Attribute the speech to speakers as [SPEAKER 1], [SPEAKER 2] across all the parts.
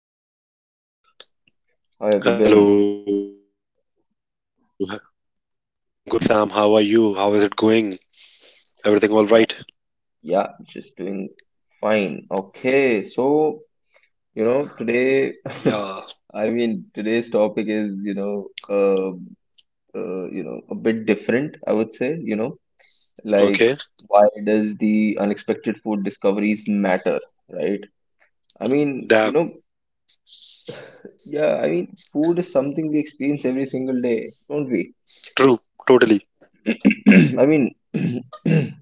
[SPEAKER 1] episode. How have you been?
[SPEAKER 2] Hello, I'm good, Sam. How are you? How is it going? Everything all
[SPEAKER 1] Uh,
[SPEAKER 2] right?
[SPEAKER 1] yeah, just doing fine. Okay, so, you know, today,
[SPEAKER 2] Yeah,
[SPEAKER 1] today's topic is, you know, a bit different, I would say, you know, like
[SPEAKER 2] okay.
[SPEAKER 1] why does the unexpected food discoveries matter, right? I mean, you
[SPEAKER 2] That
[SPEAKER 1] know, yeah, I mean, food is something we experience every single day, don't we?
[SPEAKER 2] true, totally.
[SPEAKER 1] I mean,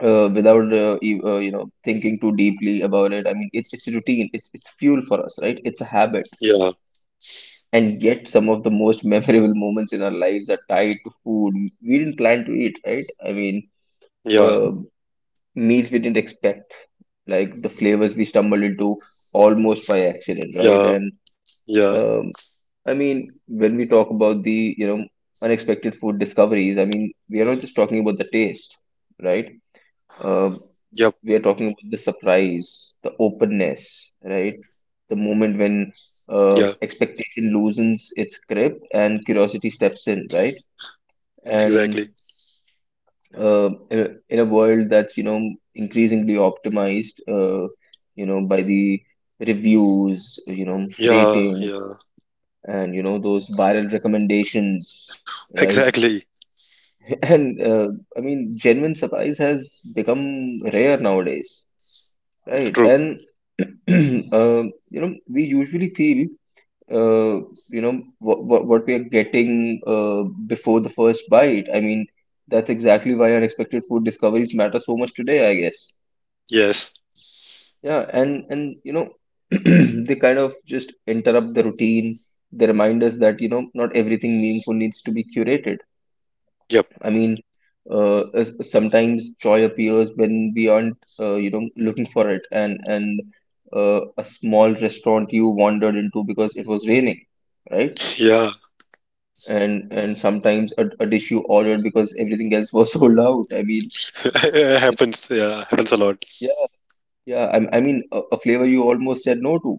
[SPEAKER 1] without you know, thinking too deeply about it. I mean, it's routine. It's fuel for us, right? It's a habit.
[SPEAKER 2] Yeah,
[SPEAKER 1] And yet, some of the most memorable moments in our lives are tied to food we didn't plan to eat, right?
[SPEAKER 2] yeah,
[SPEAKER 1] Uh, meals we didn't expect, like the flavors we stumbled into almost by accident, right?
[SPEAKER 2] yeah,
[SPEAKER 1] And
[SPEAKER 2] yeah,
[SPEAKER 1] um, I mean, when we talk about the, you know, unexpected food discoveries, I mean, we are not just talking about the taste, right? Um,
[SPEAKER 2] yep,
[SPEAKER 1] we are talking about the surprise, the openness, right? The moment when
[SPEAKER 2] yeah,
[SPEAKER 1] expectation loosens its grip and curiosity steps in, right?
[SPEAKER 2] exactly.
[SPEAKER 1] And in a world that's, you know, increasingly optimized, you know, by the reviews, you know,
[SPEAKER 2] Yeah,
[SPEAKER 1] rating,
[SPEAKER 2] yeah,
[SPEAKER 1] and you know those viral recommendations, right?
[SPEAKER 2] exactly.
[SPEAKER 1] And I mean, genuine surprise has become rare nowadays. Right,
[SPEAKER 2] True.
[SPEAKER 1] and you know, we usually feel, you know, what we are getting before the first bite. I mean, that's exactly why unexpected food discoveries matter so much today, I guess.
[SPEAKER 2] Yes.
[SPEAKER 1] Yeah, and you know, they kind of just interrupt the routine. They remind us that, you know, not everything meaningful needs to be curated.
[SPEAKER 2] Yep.
[SPEAKER 1] I mean, sometimes joy appears when we aren't, you know, looking for it, and a small restaurant you wandered into because it was raining, right?
[SPEAKER 2] Yeah.
[SPEAKER 1] And sometimes a dish you ordered because everything else was sold out. I mean,
[SPEAKER 2] It
[SPEAKER 1] you know,
[SPEAKER 2] happens. Yeah, happens a lot.
[SPEAKER 1] yeah, yeah. I mean, a flavor you almost said no to,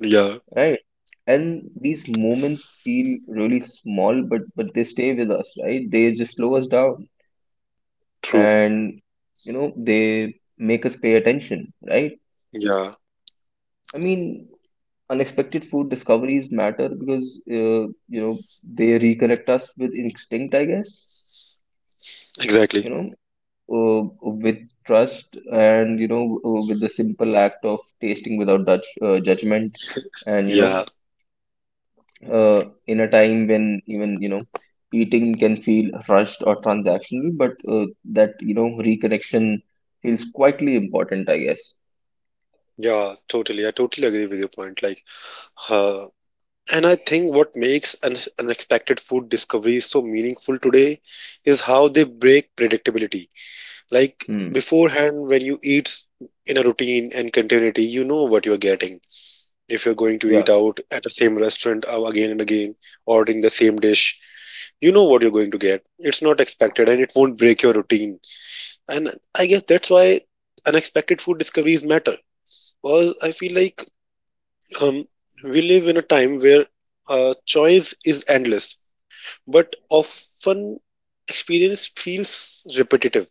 [SPEAKER 2] Yeah,
[SPEAKER 1] right? And these moments feel really small, but they stay with us, right? They just slow us down,
[SPEAKER 2] true.
[SPEAKER 1] and you know they make us pay attention, right?
[SPEAKER 2] Yeah,
[SPEAKER 1] I mean, unexpected food discoveries matter because you know they reconnect us with instinct, I guess,
[SPEAKER 2] exactly.
[SPEAKER 1] you know, with trust, and you know, with the simple act of tasting without judgment, and you
[SPEAKER 2] Yeah,
[SPEAKER 1] know, in a time when even, you know, eating can feel rushed or transactional, but that, you know, reconnection feels quietly important, I guess.
[SPEAKER 2] yeah, totally. I totally agree with your point. Like, uh. And I think what makes unexpected food discoveries so meaningful today is how they break predictability. Like
[SPEAKER 1] Hmm.
[SPEAKER 2] beforehand, when you eat in a routine and continuity, you know what you're getting. If you're going to eat
[SPEAKER 1] Yeah.
[SPEAKER 2] out at the same restaurant again and again, ordering the same dish, you know what you're going to get. It's not expected and it won't break your routine. And I guess that's why unexpected food discoveries matter. Because I feel like um, we live in a time where choice is endless but often experience feels repetitive.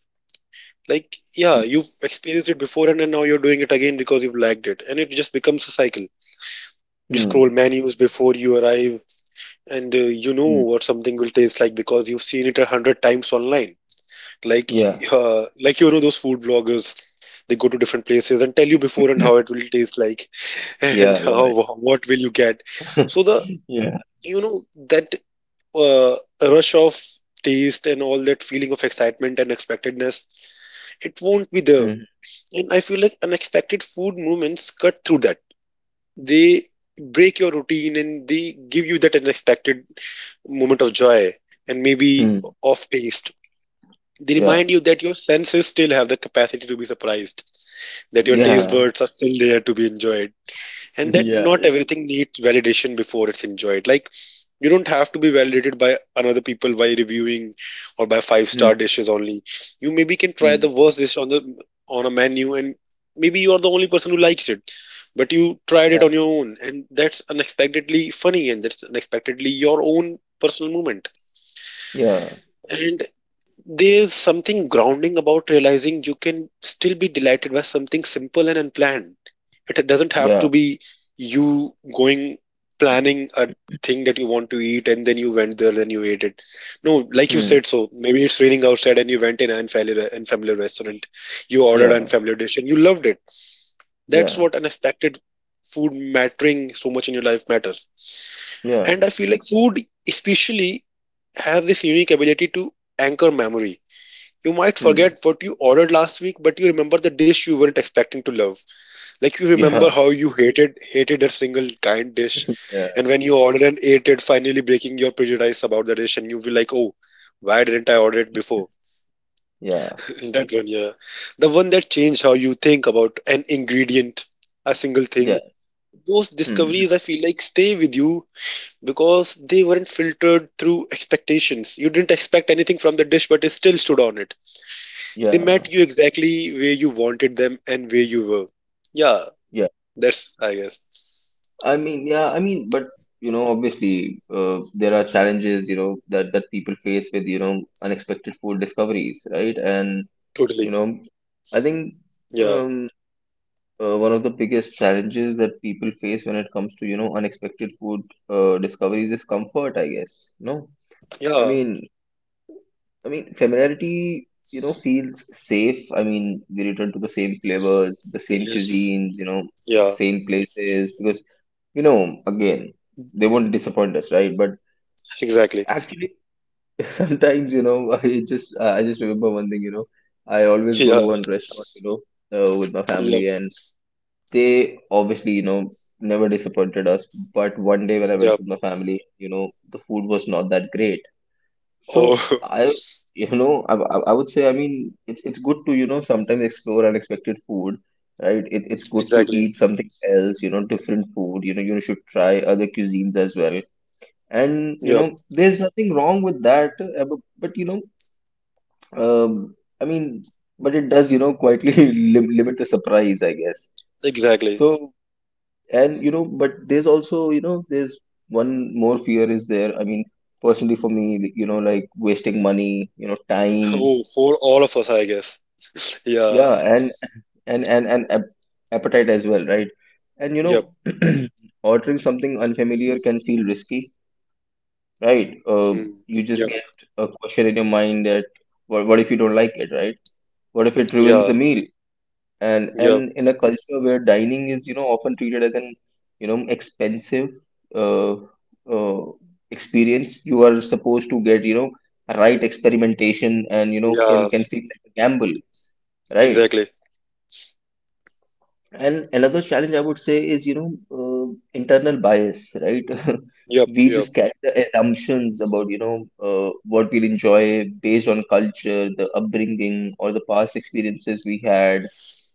[SPEAKER 2] Like, yeah,
[SPEAKER 1] Mm,
[SPEAKER 2] you've experienced it before and then now you're doing it again because you've liked it. And it just becomes a cycle. You scroll
[SPEAKER 1] mm,
[SPEAKER 2] menus before you arrive and you know
[SPEAKER 1] mm.
[SPEAKER 2] what something will taste like because you've seen it a hundred times online. Like,
[SPEAKER 1] Yeah,
[SPEAKER 2] like you know those food vloggers, they go to different places and tell you before and how it will taste like and
[SPEAKER 1] yeah,
[SPEAKER 2] how
[SPEAKER 1] yeah,
[SPEAKER 2] what will you get. So the
[SPEAKER 1] yeah.
[SPEAKER 2] you know that uh, rush of taste and all that feeling of excitement and expectedness it won't be there.
[SPEAKER 1] Mm,
[SPEAKER 2] And I feel like unexpected food moments cut through that. They break your routine and they give you that unexpected moment of joy, and maybe
[SPEAKER 1] mm,
[SPEAKER 2] of taste. They
[SPEAKER 1] yeah,
[SPEAKER 2] remind you that your senses still have the capacity to be surprised, that your taste
[SPEAKER 1] yeah,
[SPEAKER 2] buds are still there to be enjoyed, and that
[SPEAKER 1] yeah,
[SPEAKER 2] not
[SPEAKER 1] yeah.
[SPEAKER 2] everything needs validation before it's enjoyed. Like, you don't have to be validated by another people by reviewing or by five
[SPEAKER 1] Mm,
[SPEAKER 2] star dishes only. You maybe can try
[SPEAKER 1] mm,
[SPEAKER 2] the worst dish on the on a menu, and maybe you are the only person who likes it, but you tried it
[SPEAKER 1] yeah,
[SPEAKER 2] on your own, and that's unexpectedly funny, and that's unexpectedly your own personal moment.
[SPEAKER 1] yeah,
[SPEAKER 2] And there's something grounding about realizing you can still be delighted by something simple and unplanned. It doesn't have
[SPEAKER 1] yeah.
[SPEAKER 2] to be you going planning a thing that you want to eat and then you went there and you ate it. No, like you
[SPEAKER 1] Mm,
[SPEAKER 2] said, so maybe it's raining outside and you went in an unfamiliar restaurant. You ordered an
[SPEAKER 1] yeah,
[SPEAKER 2] unfamiliar dish and you loved it. That's
[SPEAKER 1] yeah,
[SPEAKER 2] what unexpected food mattering so much in your life matters.
[SPEAKER 1] yeah.
[SPEAKER 2] And I feel like food, especially, has this unique ability to anchor memory. You might
[SPEAKER 1] Mm,
[SPEAKER 2] forget what you ordered last week, but you remember the dish you weren't expecting to love. Like, you remember
[SPEAKER 1] yeah,
[SPEAKER 2] how you hated a single kind dish,
[SPEAKER 1] yeah,
[SPEAKER 2] and when you ordered and ate it, finally breaking your prejudice about the dish, and you be like, "Oh, why didn't I order it before?"
[SPEAKER 1] yeah,
[SPEAKER 2] That one, yeah, the one that changed how you think about an ingredient, a single thing.
[SPEAKER 1] yeah.
[SPEAKER 2] Those
[SPEAKER 1] Mm,
[SPEAKER 2] discoveries, I feel like, stay with you because they weren't filtered through expectations. You didn't expect anything from the dish, but it still stood on it. They met
[SPEAKER 1] yeah,
[SPEAKER 2] you exactly where you wanted them and where you were. Yeah,
[SPEAKER 1] yeah.
[SPEAKER 2] that's, I guess,
[SPEAKER 1] I mean, yeah, I mean, but you know, obviously, there are challenges, you know, that people face with, you know, unexpected food discoveries, right? And
[SPEAKER 2] totally.
[SPEAKER 1] you know, I think.
[SPEAKER 2] Yeah,
[SPEAKER 1] Um. One of the biggest challenges that people face when it comes to, you know, unexpected food discoveries is comfort, I guess. No, I
[SPEAKER 2] yeah,
[SPEAKER 1] mean, familiarity, you know, feels safe. I mean, they return to the same flavors, the same
[SPEAKER 2] yes,
[SPEAKER 1] cuisines, you know,
[SPEAKER 2] yeah,
[SPEAKER 1] the same places because, you know, again, they won't disappoint us, right? But
[SPEAKER 2] exactly.
[SPEAKER 1] actually, sometimes, you know, I just remember one thing, you know, I always go to
[SPEAKER 2] Yeah,
[SPEAKER 1] one restaurant, you know, with my
[SPEAKER 2] yep,
[SPEAKER 1] family, and they obviously, you know, never disappointed us. But one day when I went
[SPEAKER 2] yep.
[SPEAKER 1] with my family, you know, the food was not that great. So
[SPEAKER 2] Oh,
[SPEAKER 1] I, you know, I would say, I mean, it's good to, you know, sometimes explore unexpected food, right? It's good to
[SPEAKER 2] exactly.
[SPEAKER 1] eat something else, you know, different food. You know, you should try other cuisines as well. And, you
[SPEAKER 2] Yep,
[SPEAKER 1] know, there's nothing wrong with that. But, you know, um, I mean, but it does, you know, quietly limit the surprise, I guess.
[SPEAKER 2] exactly.
[SPEAKER 1] So and you know, but there's also, you know, there's one more fear is there. I mean, personally for me, you know, like wasting money, you know, time,
[SPEAKER 2] Oh, for all of us, I guess. Yeah,
[SPEAKER 1] yeah, and and and and ap- appetite as well, right? And you
[SPEAKER 2] yep,
[SPEAKER 1] know, ordering something unfamiliar can feel risky, right.
[SPEAKER 2] hmm,
[SPEAKER 1] You
[SPEAKER 2] yep,
[SPEAKER 1] just get a question in your mind that, what if you don't like it, right, what if it
[SPEAKER 2] yeah,
[SPEAKER 1] ruins the meal, and
[SPEAKER 2] yep,
[SPEAKER 1] in a culture where dining is, you know, often treated as an, you know, expensive uh, uh, experience you are supposed to get, you know, right, experimentation and, you know,
[SPEAKER 2] yeah,
[SPEAKER 1] can feel like a gamble, right?
[SPEAKER 2] exactly.
[SPEAKER 1] And another challenge I would say is, you know, internal bias, right?
[SPEAKER 2] Yep,
[SPEAKER 1] We
[SPEAKER 2] yep,
[SPEAKER 1] just carry the assumptions about, you know, what we'll enjoy based on culture, the upbringing, or the past experiences we had,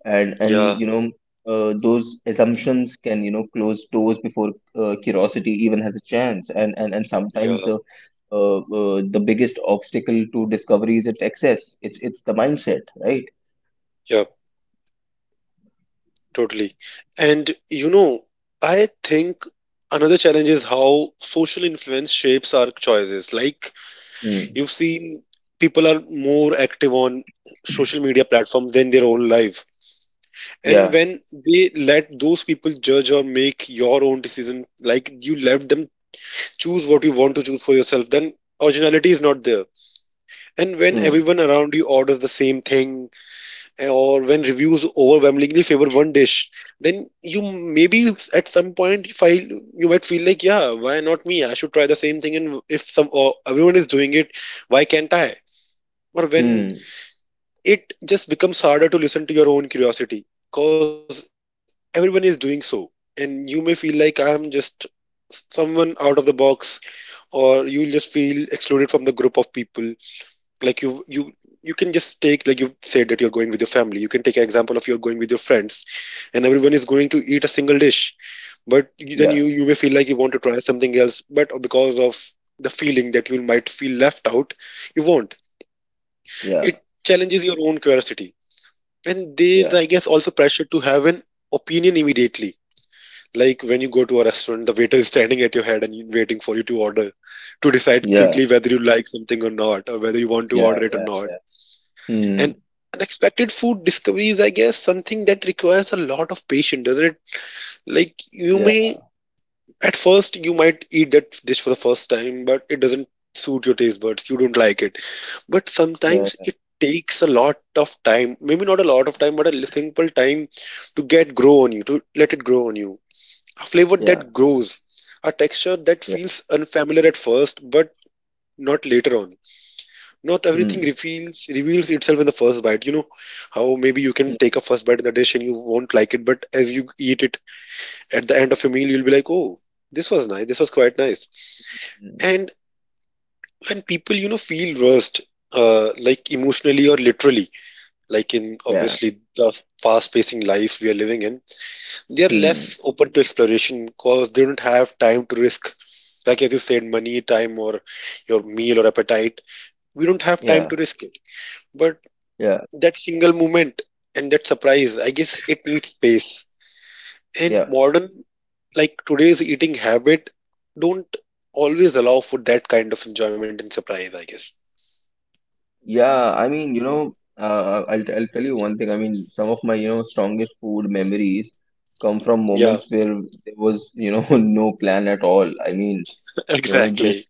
[SPEAKER 1] and
[SPEAKER 2] yeah,
[SPEAKER 1] you know, those assumptions can, you know, close doors before curiosity even has a chance. And sometimes
[SPEAKER 2] yeah,
[SPEAKER 1] the biggest obstacle to discovery is its access. It's the mindset, right?
[SPEAKER 2] yep. Totally. And you know, I think another challenge is how social influence shapes our choices. Like,
[SPEAKER 1] Mm.
[SPEAKER 2] you've seen people are more active on social media platforms than their own life. And
[SPEAKER 1] Yeah.
[SPEAKER 2] when they let those people judge or make your own decision, like you let them choose what you want to choose for yourself, then originality is not there. And when
[SPEAKER 1] Hmm.
[SPEAKER 2] everyone around you orders the same thing, or when reviews overwhelmingly favor one dish, then you maybe at some point you might feel like, yeah, why not me? I should try the same thing, and if some or everyone is doing it, why can't I? Or when
[SPEAKER 1] Hmm.
[SPEAKER 2] it just becomes harder to listen to your own curiosity, cause everyone is doing so, and you may feel like I'm just someone out of the box, or you just feel excluded from the group of people. Like, you can just take, like you said that you're going with your family, you can take an example of you're going with your friends, and everyone is going to eat a single dish, but you, then you may feel
[SPEAKER 1] Yeah.
[SPEAKER 2] like you want to try something else but because of the feeling that you might feel left out, you won't. It
[SPEAKER 1] Yeah,
[SPEAKER 2] challenges your own curiosity. And there's, I
[SPEAKER 1] yeah,
[SPEAKER 2] guess, also pressure to have an opinion immediately. Like when you go to a restaurant, the waiter is standing at your head and waiting for you to order, to decide
[SPEAKER 1] yeah,
[SPEAKER 2] quickly whether you like something or not, or whether you want to
[SPEAKER 1] yeah,
[SPEAKER 2] order it or
[SPEAKER 1] yeah,
[SPEAKER 2] not.
[SPEAKER 1] yeah.
[SPEAKER 2] And
[SPEAKER 1] Mm,
[SPEAKER 2] unexpected food discovery is, I guess, something that requires a lot of patience, doesn't it? Like, you
[SPEAKER 1] yeah,
[SPEAKER 2] may, at first, you might eat that dish for the first time, but it doesn't suit your taste buds. You don't like it. But
[SPEAKER 1] yeah,
[SPEAKER 2] sometimes it takes a lot of time, maybe not a lot of time, but a simple time to get grow on you, to let it grow on you. A flavor
[SPEAKER 1] yeah,
[SPEAKER 2] that grows, a texture that
[SPEAKER 1] yeah.
[SPEAKER 2] feels unfamiliar at first, but not later on. Not everything
[SPEAKER 1] Mm,
[SPEAKER 2] reveals itself in the first bite, you know. How maybe you can take
[SPEAKER 1] mm,
[SPEAKER 2] a first bite in the dish and you won't like it, but as you eat it, at the end of a meal you'll be like, oh, this was nice, this was quite nice.
[SPEAKER 1] mm,
[SPEAKER 2] And when people, you know, feel rushed, like emotionally or literally, like in
[SPEAKER 1] yeah,
[SPEAKER 2] obviously the fast pacing life we are living in, they are less
[SPEAKER 1] mm,
[SPEAKER 2] open to exploration because they don't have time to risk, like as you said, money, time, or your meal or appetite. We don't have time
[SPEAKER 1] yeah,
[SPEAKER 2] to risk it. But
[SPEAKER 1] yeah,
[SPEAKER 2] that single moment and that surprise, I guess, it needs space. And
[SPEAKER 1] yeah,
[SPEAKER 2] modern, like today's eating habit, don't always allow for that kind of enjoyment and surprise, I guess.
[SPEAKER 1] yeah. I mean, you know, I'll tell you one thing. I mean, some of my, you know, strongest food memories come from
[SPEAKER 2] Yeah.
[SPEAKER 1] moments where there was, you know, no plan at all. I mean, you know,
[SPEAKER 2] Exactly.
[SPEAKER 1] just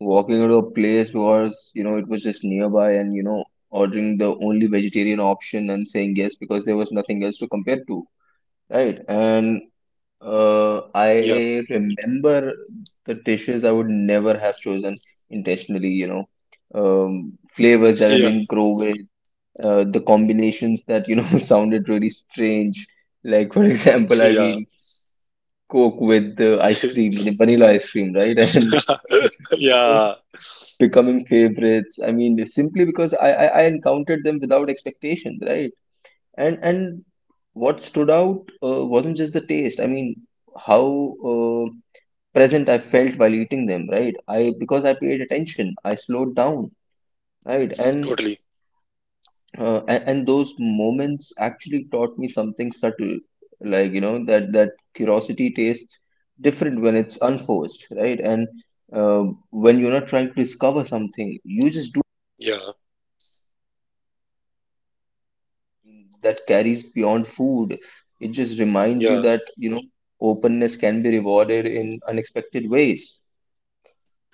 [SPEAKER 1] walking into a place was, you know, it was just nearby and, you know, ordering the only vegetarian option and saying yes because there was nothing else to compare to. Right, and
[SPEAKER 2] Yeah,
[SPEAKER 1] I remember the dishes I would never have chosen intentionally, you know,
[SPEAKER 2] yeah,
[SPEAKER 1] flavors that I didn't grow with, the combinations that, you know, sounded really strange. Like, for example, I
[SPEAKER 2] yeah.
[SPEAKER 1] mean, Coke with the ice cream, the vanilla ice cream, right? And, you know,
[SPEAKER 2] Yeah,
[SPEAKER 1] becoming favorites. I mean, simply because I encountered them without expectations, right? And what stood out wasn't just the taste. I mean, how present I felt while eating them, right? I, because I paid attention, I slowed down, right? And
[SPEAKER 2] totally.
[SPEAKER 1] and those moments actually taught me something subtle, like, you know, that curiosity tastes different when it's unforced, right? And uh, when you're not trying to discover something, you just do,
[SPEAKER 2] Yeah,
[SPEAKER 1] that carries beyond food. It just reminds you
[SPEAKER 2] yeah,
[SPEAKER 1] that, you know, openness can be rewarded in unexpected ways.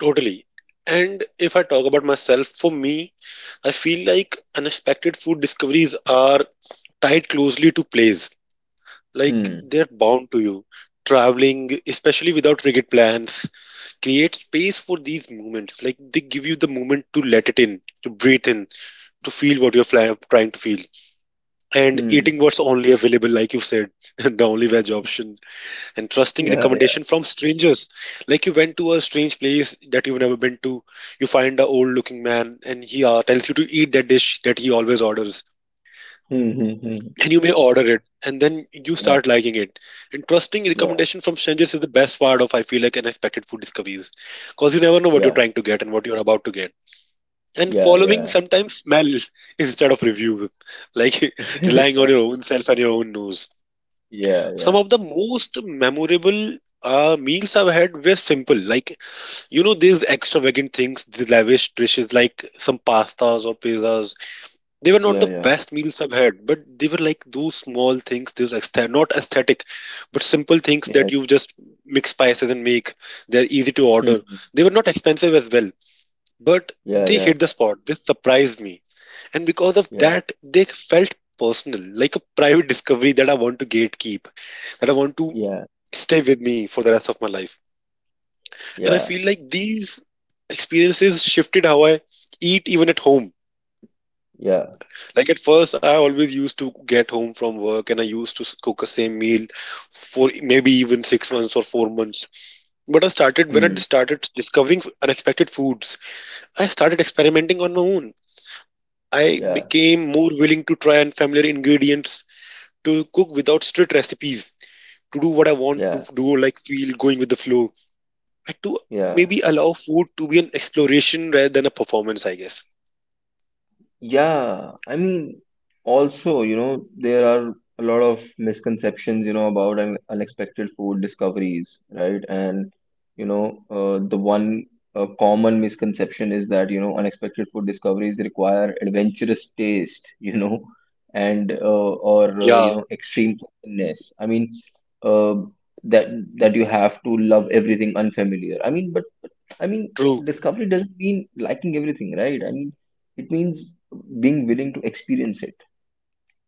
[SPEAKER 2] totally. And if I talk about myself, for me, I feel like unexpected food discoveries are tied closely to plays. Like,
[SPEAKER 1] Hmm.
[SPEAKER 2] they're bound to you. Traveling, especially without rigid plans, create space for these moments. Like, they give you the moment to let it in, to breathe in, to feel what you're trying to feel, and eating
[SPEAKER 1] Hmm.
[SPEAKER 2] what's only available, like you said, the only veg option, and trusting
[SPEAKER 1] Yeah. Yeah.
[SPEAKER 2] recommendation from strangers. Like, you went to a strange place that you've never been to, you find a old looking man, and he tells you to eat that dish that he always orders,
[SPEAKER 1] Hmm. Hmm. Hmm.
[SPEAKER 2] and you may order it and then you
[SPEAKER 1] Yeah.
[SPEAKER 2] start liking it. And trusting
[SPEAKER 1] Yeah.
[SPEAKER 2] recommendation from strangers is the best part of, I feel like, unexpected food discoveries, because you never know what
[SPEAKER 1] Yeah.
[SPEAKER 2] you're trying to get and what you're about to get. And
[SPEAKER 1] Yeah.
[SPEAKER 2] following
[SPEAKER 1] Yeah.
[SPEAKER 2] sometimes smell instead of review, like relying on your own self and your own nose.
[SPEAKER 1] Yeah.
[SPEAKER 2] Some
[SPEAKER 1] Yeah.
[SPEAKER 2] of the most memorable meals I've had were simple. Like, you know, these extravagant things, the lavish dishes, like some pastas or pizzas, they were not the
[SPEAKER 1] Yeah. Yeah. Yeah.
[SPEAKER 2] best meals I've had, but they were like those small things, those not aesthetic, but simple things
[SPEAKER 1] Yeah.
[SPEAKER 2] that you just mix spices and make. They're easy to
[SPEAKER 1] Hmm.
[SPEAKER 2] order.
[SPEAKER 1] Hmm.
[SPEAKER 2] They were not expensive as well, but
[SPEAKER 1] Yeah.
[SPEAKER 2] they
[SPEAKER 1] Yeah.
[SPEAKER 2] hit the spot. They surprised me. And because of
[SPEAKER 1] Yeah.
[SPEAKER 2] that, they felt personal, like a private discovery that I want to gatekeep, that I want to
[SPEAKER 1] Yeah.
[SPEAKER 2] stay with me for the rest of my life. And I
[SPEAKER 1] Yeah.
[SPEAKER 2] feel like these experiences shifted how I eat even at home.
[SPEAKER 1] Yeah.
[SPEAKER 2] Like at first, I always used to get home from work and I used to cook a same meal for maybe even six months or four months. But I started, when I
[SPEAKER 1] Hmm.
[SPEAKER 2] started discovering unexpected foods, I started experimenting on my own. I
[SPEAKER 1] Yeah.
[SPEAKER 2] became more willing to try unfamiliar ingredients, to cook without strict recipes, to do what I want to
[SPEAKER 1] Yeah.
[SPEAKER 2] do, like feel going with the flow, and to
[SPEAKER 1] Yeah.
[SPEAKER 2] maybe allow food to be an exploration rather than a performance, I guess.
[SPEAKER 1] Yeah, I mean, also, you know, there are a lot of misconceptions, you know, about un unexpected food discoveries, right? And, you know, the one common misconception is that, you know, unexpected food discoveries require adventurous taste, you know, and, you
[SPEAKER 2] Yeah,
[SPEAKER 1] know, extreme openness. I mean, uh, that, that you have to love everything unfamiliar. I mean, but I mean,
[SPEAKER 2] true.
[SPEAKER 1] discovery doesn't mean liking everything, right? I mean, it means being willing to experience it,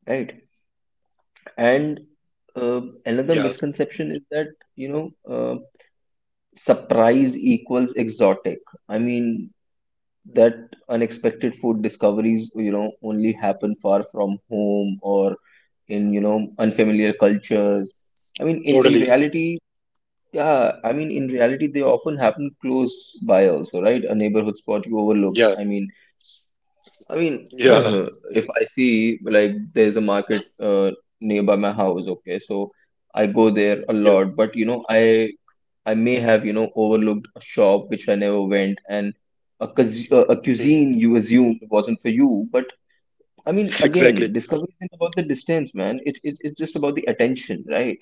[SPEAKER 1] right. And another
[SPEAKER 2] Yeah,
[SPEAKER 1] misconception is that, you know, uh, surprise equals exotic. I mean, that unexpected food discoveries, you know, only happen far from home or in, you know, unfamiliar cultures. I mean, in
[SPEAKER 2] totally.
[SPEAKER 1] reality, yeah, I mean, in reality they often happen close by also, right? A neighborhood spot you overlooked.
[SPEAKER 2] Yeah,
[SPEAKER 1] I mean, I mean,
[SPEAKER 2] yeah,
[SPEAKER 1] if I see, like there's a market nearby my house, okay, so I go there a
[SPEAKER 2] yeah.
[SPEAKER 1] lot, but you know, I may have, you know, overlooked a shop which I never went, and a, cus- a
[SPEAKER 2] Hmm.
[SPEAKER 1] cuisine you assumed wasn't for you. But I mean, again,
[SPEAKER 2] Exactly.
[SPEAKER 1] discovery isn't about the distance, man. It's It's just about the attention, right?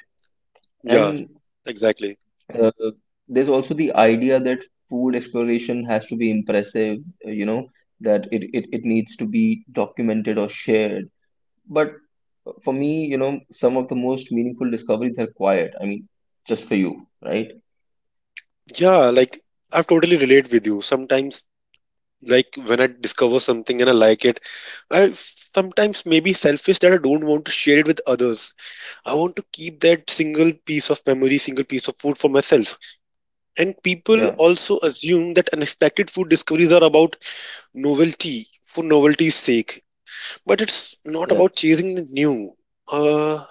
[SPEAKER 2] Yeah,
[SPEAKER 1] And
[SPEAKER 2] exactly.
[SPEAKER 1] uh, there's also the idea that food exploration has to be impressive, you know, that it needs to be documented or shared, but for me, you know, some of the most meaningful discoveries are quiet. I mean, just for you, right?
[SPEAKER 2] Yeah, like I totally relate with you. Sometimes, like when I discover something and I like it, sometimes maybe selfish that I don't want to share it with others. I want to keep that single piece of memory, single piece of food for myself. And people
[SPEAKER 1] Yeah,
[SPEAKER 2] also assume that unexpected food discoveries are about novelty for novelty's sake, but it's not
[SPEAKER 1] yeah,
[SPEAKER 2] about chasing the new. Uh,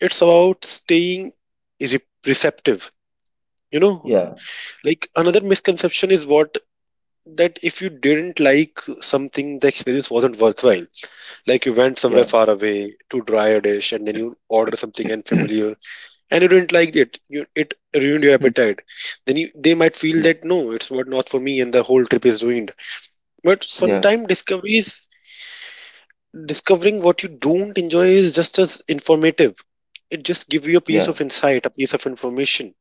[SPEAKER 2] it's about staying re- receptive, you know.
[SPEAKER 1] yeah,
[SPEAKER 2] Like another misconception is what that if you didn't like something, the experience wasn't worthwhile. Like you went somewhere
[SPEAKER 1] yeah.
[SPEAKER 2] far away to try a dish, and then you order something unfamiliar, and you didn't like it. You, it ruined your
[SPEAKER 1] Hmm.
[SPEAKER 2] appetite. Then you, they might feel
[SPEAKER 1] Yeah,
[SPEAKER 2] that no, it's what not for me, and the whole trip is ruined. But
[SPEAKER 1] yeah,
[SPEAKER 2] sometimes discovery is discovering what you don't enjoy is just as informative. It just gives you a piece
[SPEAKER 1] yeah,
[SPEAKER 2] of insight, a piece of information.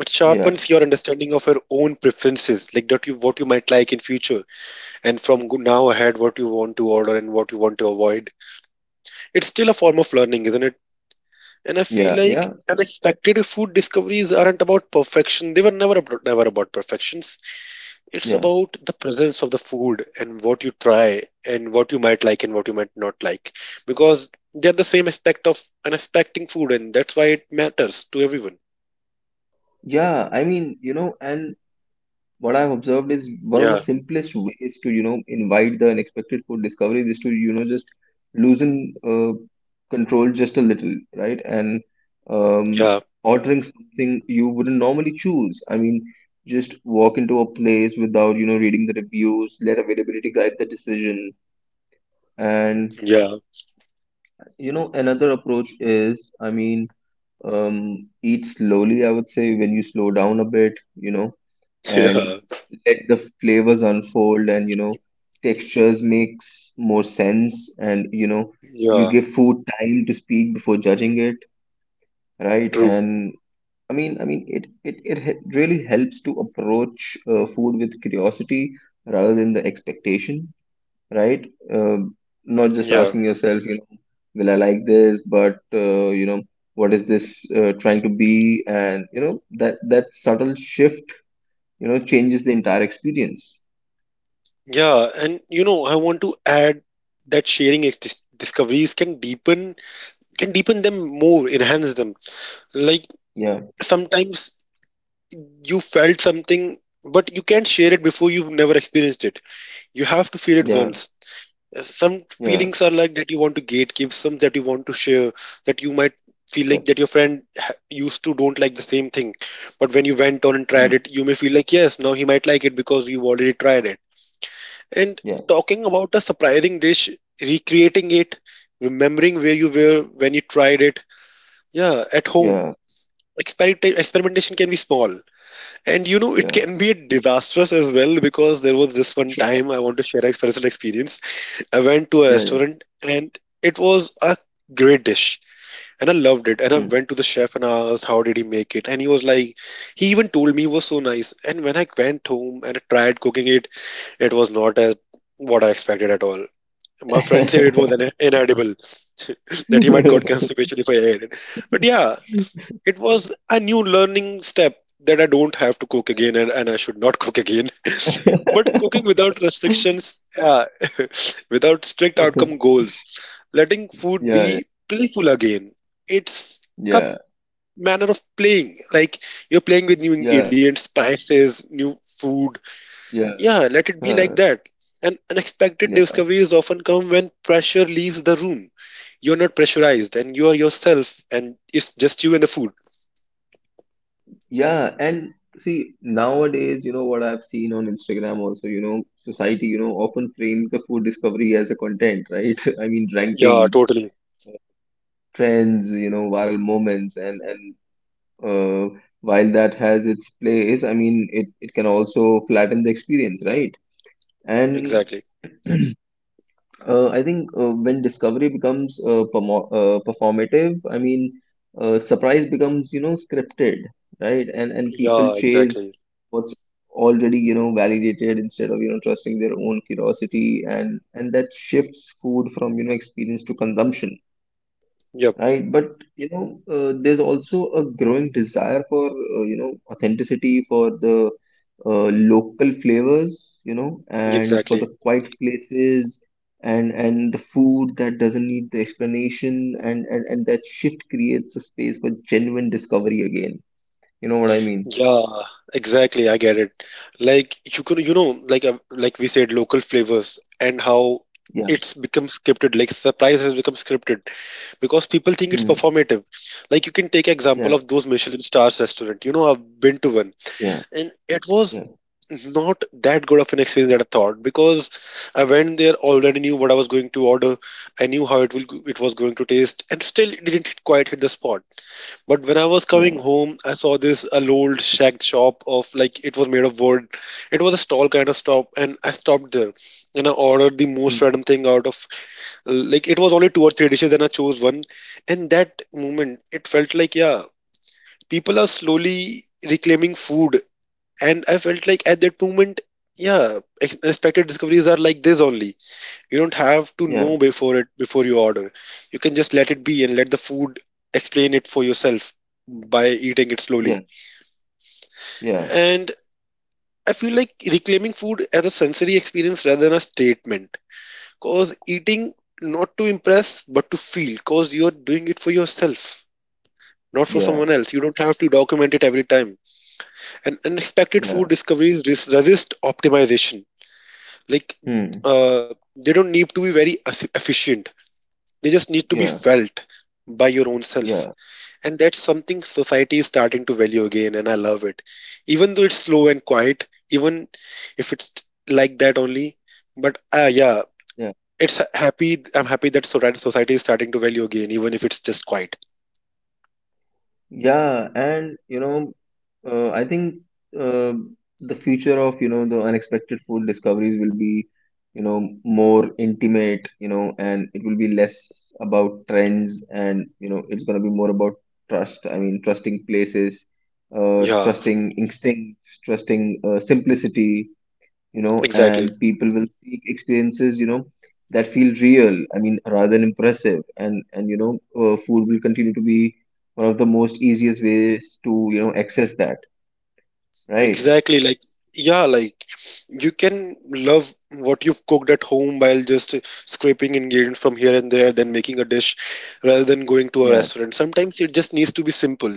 [SPEAKER 2] It
[SPEAKER 1] yeah,
[SPEAKER 2] sharpens your understanding of your own preferences, like that you what you might like in future, and from now ahead what you want to order and what you want to avoid. It's still a form of learning, isn't it? And I feel
[SPEAKER 1] yeah,
[SPEAKER 2] like
[SPEAKER 1] yeah,
[SPEAKER 2] unexpected food discoveries aren't about perfection. They were never about, never about perfections. It's
[SPEAKER 1] yeah,
[SPEAKER 2] about the presence of the food and what you try and what you might like and what you might not like, because they're the same aspect of unexpecting food, and that's why it matters to everyone.
[SPEAKER 1] yeah. I mean, you know, and what I've observed is one of the
[SPEAKER 2] Yeah,
[SPEAKER 1] simplest ways to, you know, invite the unexpected food discoveries is to, you know, just loosen control just a little, right? And um,
[SPEAKER 2] yeah,
[SPEAKER 1] ordering something you wouldn't normally choose. I mean, just walk into a place without, you know, reading the reviews, let availability guide the decision. And,
[SPEAKER 2] yeah,
[SPEAKER 1] you know, another approach is, I mean, eat slowly, I would say, when you slow down a bit, you know,
[SPEAKER 2] yeah.
[SPEAKER 1] and let the flavors unfold, and you know textures makes more sense, and you know,
[SPEAKER 2] Yeah.
[SPEAKER 1] you give food time to speak before judging it, right?
[SPEAKER 2] True.
[SPEAKER 1] And I mean, it he- really helps to approach food with curiosity rather than the expectation, right? um, Not just
[SPEAKER 2] Yeah.
[SPEAKER 1] asking yourself, you know, will I like this, but you know, what is this trying to be, and you know that subtle shift, you know, changes the entire experience.
[SPEAKER 2] Yeah. And you know, I want to add that sharing discoveries can deepen, can deepen them more, enhance them. Like
[SPEAKER 1] Yeah,
[SPEAKER 2] sometimes you felt something, but you can't share it before you've never experienced it. You have to feel it
[SPEAKER 1] yeah,
[SPEAKER 2] once. Some
[SPEAKER 1] yeah,
[SPEAKER 2] feelings are like that you want to gatekeep, some that you want to share, that you might feel
[SPEAKER 1] yeah,
[SPEAKER 2] like that your friend used to don't like the same thing. But when you went on and
[SPEAKER 1] mm,
[SPEAKER 2] tried it, you may feel like, yes, now he might like it because you've already tried it. And
[SPEAKER 1] yeah,
[SPEAKER 2] talking about a surprising dish, recreating it, remembering where you were when you tried it. Yeah, at home.
[SPEAKER 1] yeah,
[SPEAKER 2] Experimentation can be small. And you know, it
[SPEAKER 1] yeah,
[SPEAKER 2] can be disastrous as well because there was this one
[SPEAKER 1] yeah,
[SPEAKER 2] time I want to share a personal experience. I went to a
[SPEAKER 1] yeah, yeah.
[SPEAKER 2] restaurant and it was a great dish and I loved it. And I
[SPEAKER 1] Mm.
[SPEAKER 2] went to the chef and I asked, how did he make it? And he was like, he even told me it was so nice. And when I went home and I tried cooking it, it was not as what I expected at all. My friend said it was inedible, that he might got constipation if I ate it. But yeah, it was a new learning step that I don't have to cook again and I should not cook again. But cooking without restrictions, without strict outcome goals, letting food
[SPEAKER 1] Yeah,
[SPEAKER 2] be playful again. It's a
[SPEAKER 1] yeah,
[SPEAKER 2] manner of playing. Like you're playing with new
[SPEAKER 1] yeah,
[SPEAKER 2] ingredients, spices, new food,
[SPEAKER 1] yeah,
[SPEAKER 2] yeah, let it be like
[SPEAKER 1] huh,
[SPEAKER 2] that. And unexpected
[SPEAKER 1] yeah,
[SPEAKER 2] discoveries often come when pressure leaves the room. You're not pressurized and you are yourself and it's just you and the food.
[SPEAKER 1] yeah. And see, nowadays, you know what I've seen on Instagram also, you know, society, you know, often frames the food discovery as a content, right? I mean,
[SPEAKER 2] Yeah,
[SPEAKER 1] rankings,
[SPEAKER 2] totally.
[SPEAKER 1] trends, you know, viral moments, and uh, while that has its place, I mean, it can also flatten the experience, right? And
[SPEAKER 2] Exactly.
[SPEAKER 1] I think when discovery becomes performative, I mean, surprise becomes, you know, scripted, right? And people
[SPEAKER 2] Yeah,
[SPEAKER 1] chase
[SPEAKER 2] exactly.
[SPEAKER 1] what's already, you know, validated instead of, you know, trusting their own curiosity, and that shifts food from, you know, experience to consumption.
[SPEAKER 2] Yep,
[SPEAKER 1] Right, but you know, there's also a growing desire for you know, authenticity, for the uh, local flavors, you know, and for the
[SPEAKER 2] exactly.
[SPEAKER 1] quiet places, and the food that doesn't need the explanation, and that shift creates a space for genuine discovery again. You know what I mean?
[SPEAKER 2] Yeah, exactly. I get it. Like you can, you know, like we said, local flavors and how
[SPEAKER 1] Yeah.
[SPEAKER 2] it's become scripted. Like surprise has become scripted because people think it's
[SPEAKER 1] Hmm.
[SPEAKER 2] performative. Like you can take example
[SPEAKER 1] Yeah.
[SPEAKER 2] of those Michelin stars restaurant. You know, I've been to one
[SPEAKER 1] Yeah.
[SPEAKER 2] and it was
[SPEAKER 1] Yeah.
[SPEAKER 2] not that good of an experience that I thought because I went there already knew what I was going to order. I knew how it will it was going to taste, and still it didn't quite hit the spot. But when I was coming
[SPEAKER 1] Yeah.
[SPEAKER 2] home, I saw this a old shack shop of like it was made of wood. It was a stall kind of shop, and I stopped there and I ordered the most
[SPEAKER 1] Hmm.
[SPEAKER 2] random thing out of like it was only two or three dishes, and I chose one. And that moment, it felt like yeah, people are slowly reclaiming food, and I felt like at that moment, yeah, expected discoveries are like this only. You don't have to know
[SPEAKER 1] Yeah.
[SPEAKER 2] before it before you order. You can just let it be and let the food explain it for yourself by eating it slowly.
[SPEAKER 1] Yeah. Yeah.
[SPEAKER 2] And I feel like reclaiming food as a sensory experience rather than a statement, cause eating not to impress but to feel, cause you're doing it for yourself not for someone
[SPEAKER 1] Yeah.
[SPEAKER 2] else. You don't have to document it every time. And unexpected
[SPEAKER 1] Yeah.
[SPEAKER 2] food discoveries resist optimization. Like
[SPEAKER 1] Hmm.
[SPEAKER 2] they don't need to be very efficient, they just need to be
[SPEAKER 1] Yeah.
[SPEAKER 2] felt by your own self.
[SPEAKER 1] Yeah.
[SPEAKER 2] And that's something society is starting to value again and I love it, even though it's slow and quiet. Even if it's like that only, but yeah,
[SPEAKER 1] Yeah.
[SPEAKER 2] it's happy, I'm happy that society is starting to value again even if it's just quiet.
[SPEAKER 1] Yeah, and you know, I think uh, the future of, you know, the unexpected food discoveries will be, you know, more intimate, you know, and it will be less about trends, and you know, it's going to be more about trust. I mean, trusting places,
[SPEAKER 2] Yeah,
[SPEAKER 1] trusting instincts, trusting simplicity, you know,
[SPEAKER 2] exactly.
[SPEAKER 1] and people will seek experiences, you know, that feel real. I mean, rather than impressive, and you know, food will continue to be one of the most easiest ways to, you know, access that, right?
[SPEAKER 2] Exactly, like yeah, like you can love what you've cooked at home while just scraping ingredients from here and there, then making a dish rather than going to a
[SPEAKER 1] Yeah,
[SPEAKER 2] restaurant. Sometimes it just needs to be simple.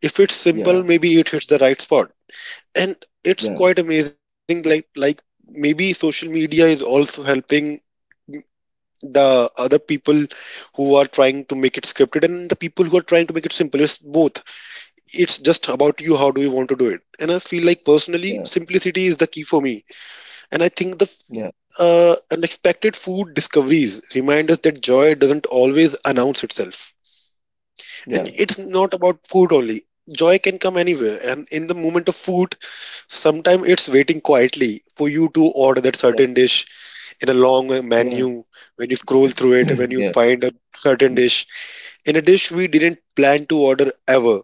[SPEAKER 2] If it's simple,
[SPEAKER 1] yeah,
[SPEAKER 2] maybe it hits the right spot. And it's
[SPEAKER 1] yeah,
[SPEAKER 2] quite amazing, like maybe social media is also helping the other people who are trying to make it scripted and the people who are trying to make it simple. It's both. It's just about you, how do you want to do it, and I feel like personally
[SPEAKER 1] yeah,
[SPEAKER 2] simplicity is the key for me. And I think the
[SPEAKER 1] yeah,
[SPEAKER 2] unexpected food discoveries remind us that joy doesn't always announce itself,
[SPEAKER 1] yeah,
[SPEAKER 2] and it's not about food only. Joy can come anywhere, and in the moment of food sometimes it's waiting quietly for you to order that
[SPEAKER 1] yeah,
[SPEAKER 2] certain dish in a long
[SPEAKER 1] yeah,
[SPEAKER 2] menu. When you scroll through it, when you
[SPEAKER 1] yeah,
[SPEAKER 2] find a certain
[SPEAKER 1] yeah,
[SPEAKER 2] dish, in a dish we didn't plan to order ever,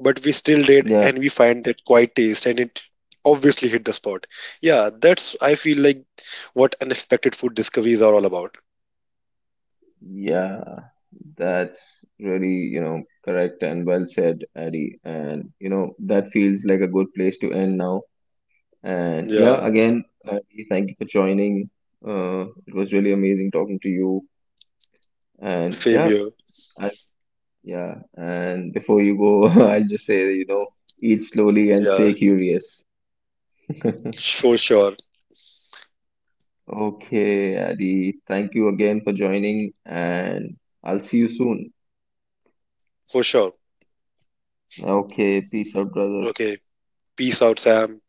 [SPEAKER 2] but we still did
[SPEAKER 1] yeah,
[SPEAKER 2] and we find that quite taste and it obviously hit the spot. Yeah, that's, I feel like, what unexpected food discoveries are all about.
[SPEAKER 1] yeah. That's really, you know, correct and well said, Addy. And, you know, that feels like a good place to end now. And
[SPEAKER 2] Yeah,
[SPEAKER 1] yeah, again, Addy, thank you for joining. It was really amazing talking to you. And
[SPEAKER 2] same
[SPEAKER 1] yeah,
[SPEAKER 2] here.
[SPEAKER 1] I, yeah. And before you go, I'll just say, you know, eat slowly and
[SPEAKER 2] Yeah,
[SPEAKER 1] stay curious.
[SPEAKER 2] for sure.
[SPEAKER 1] Okay, Adi, thank you again for joining, and I'll see you soon.
[SPEAKER 2] For sure.
[SPEAKER 1] Okay, peace out, brother.
[SPEAKER 2] Okay, peace out, Sam.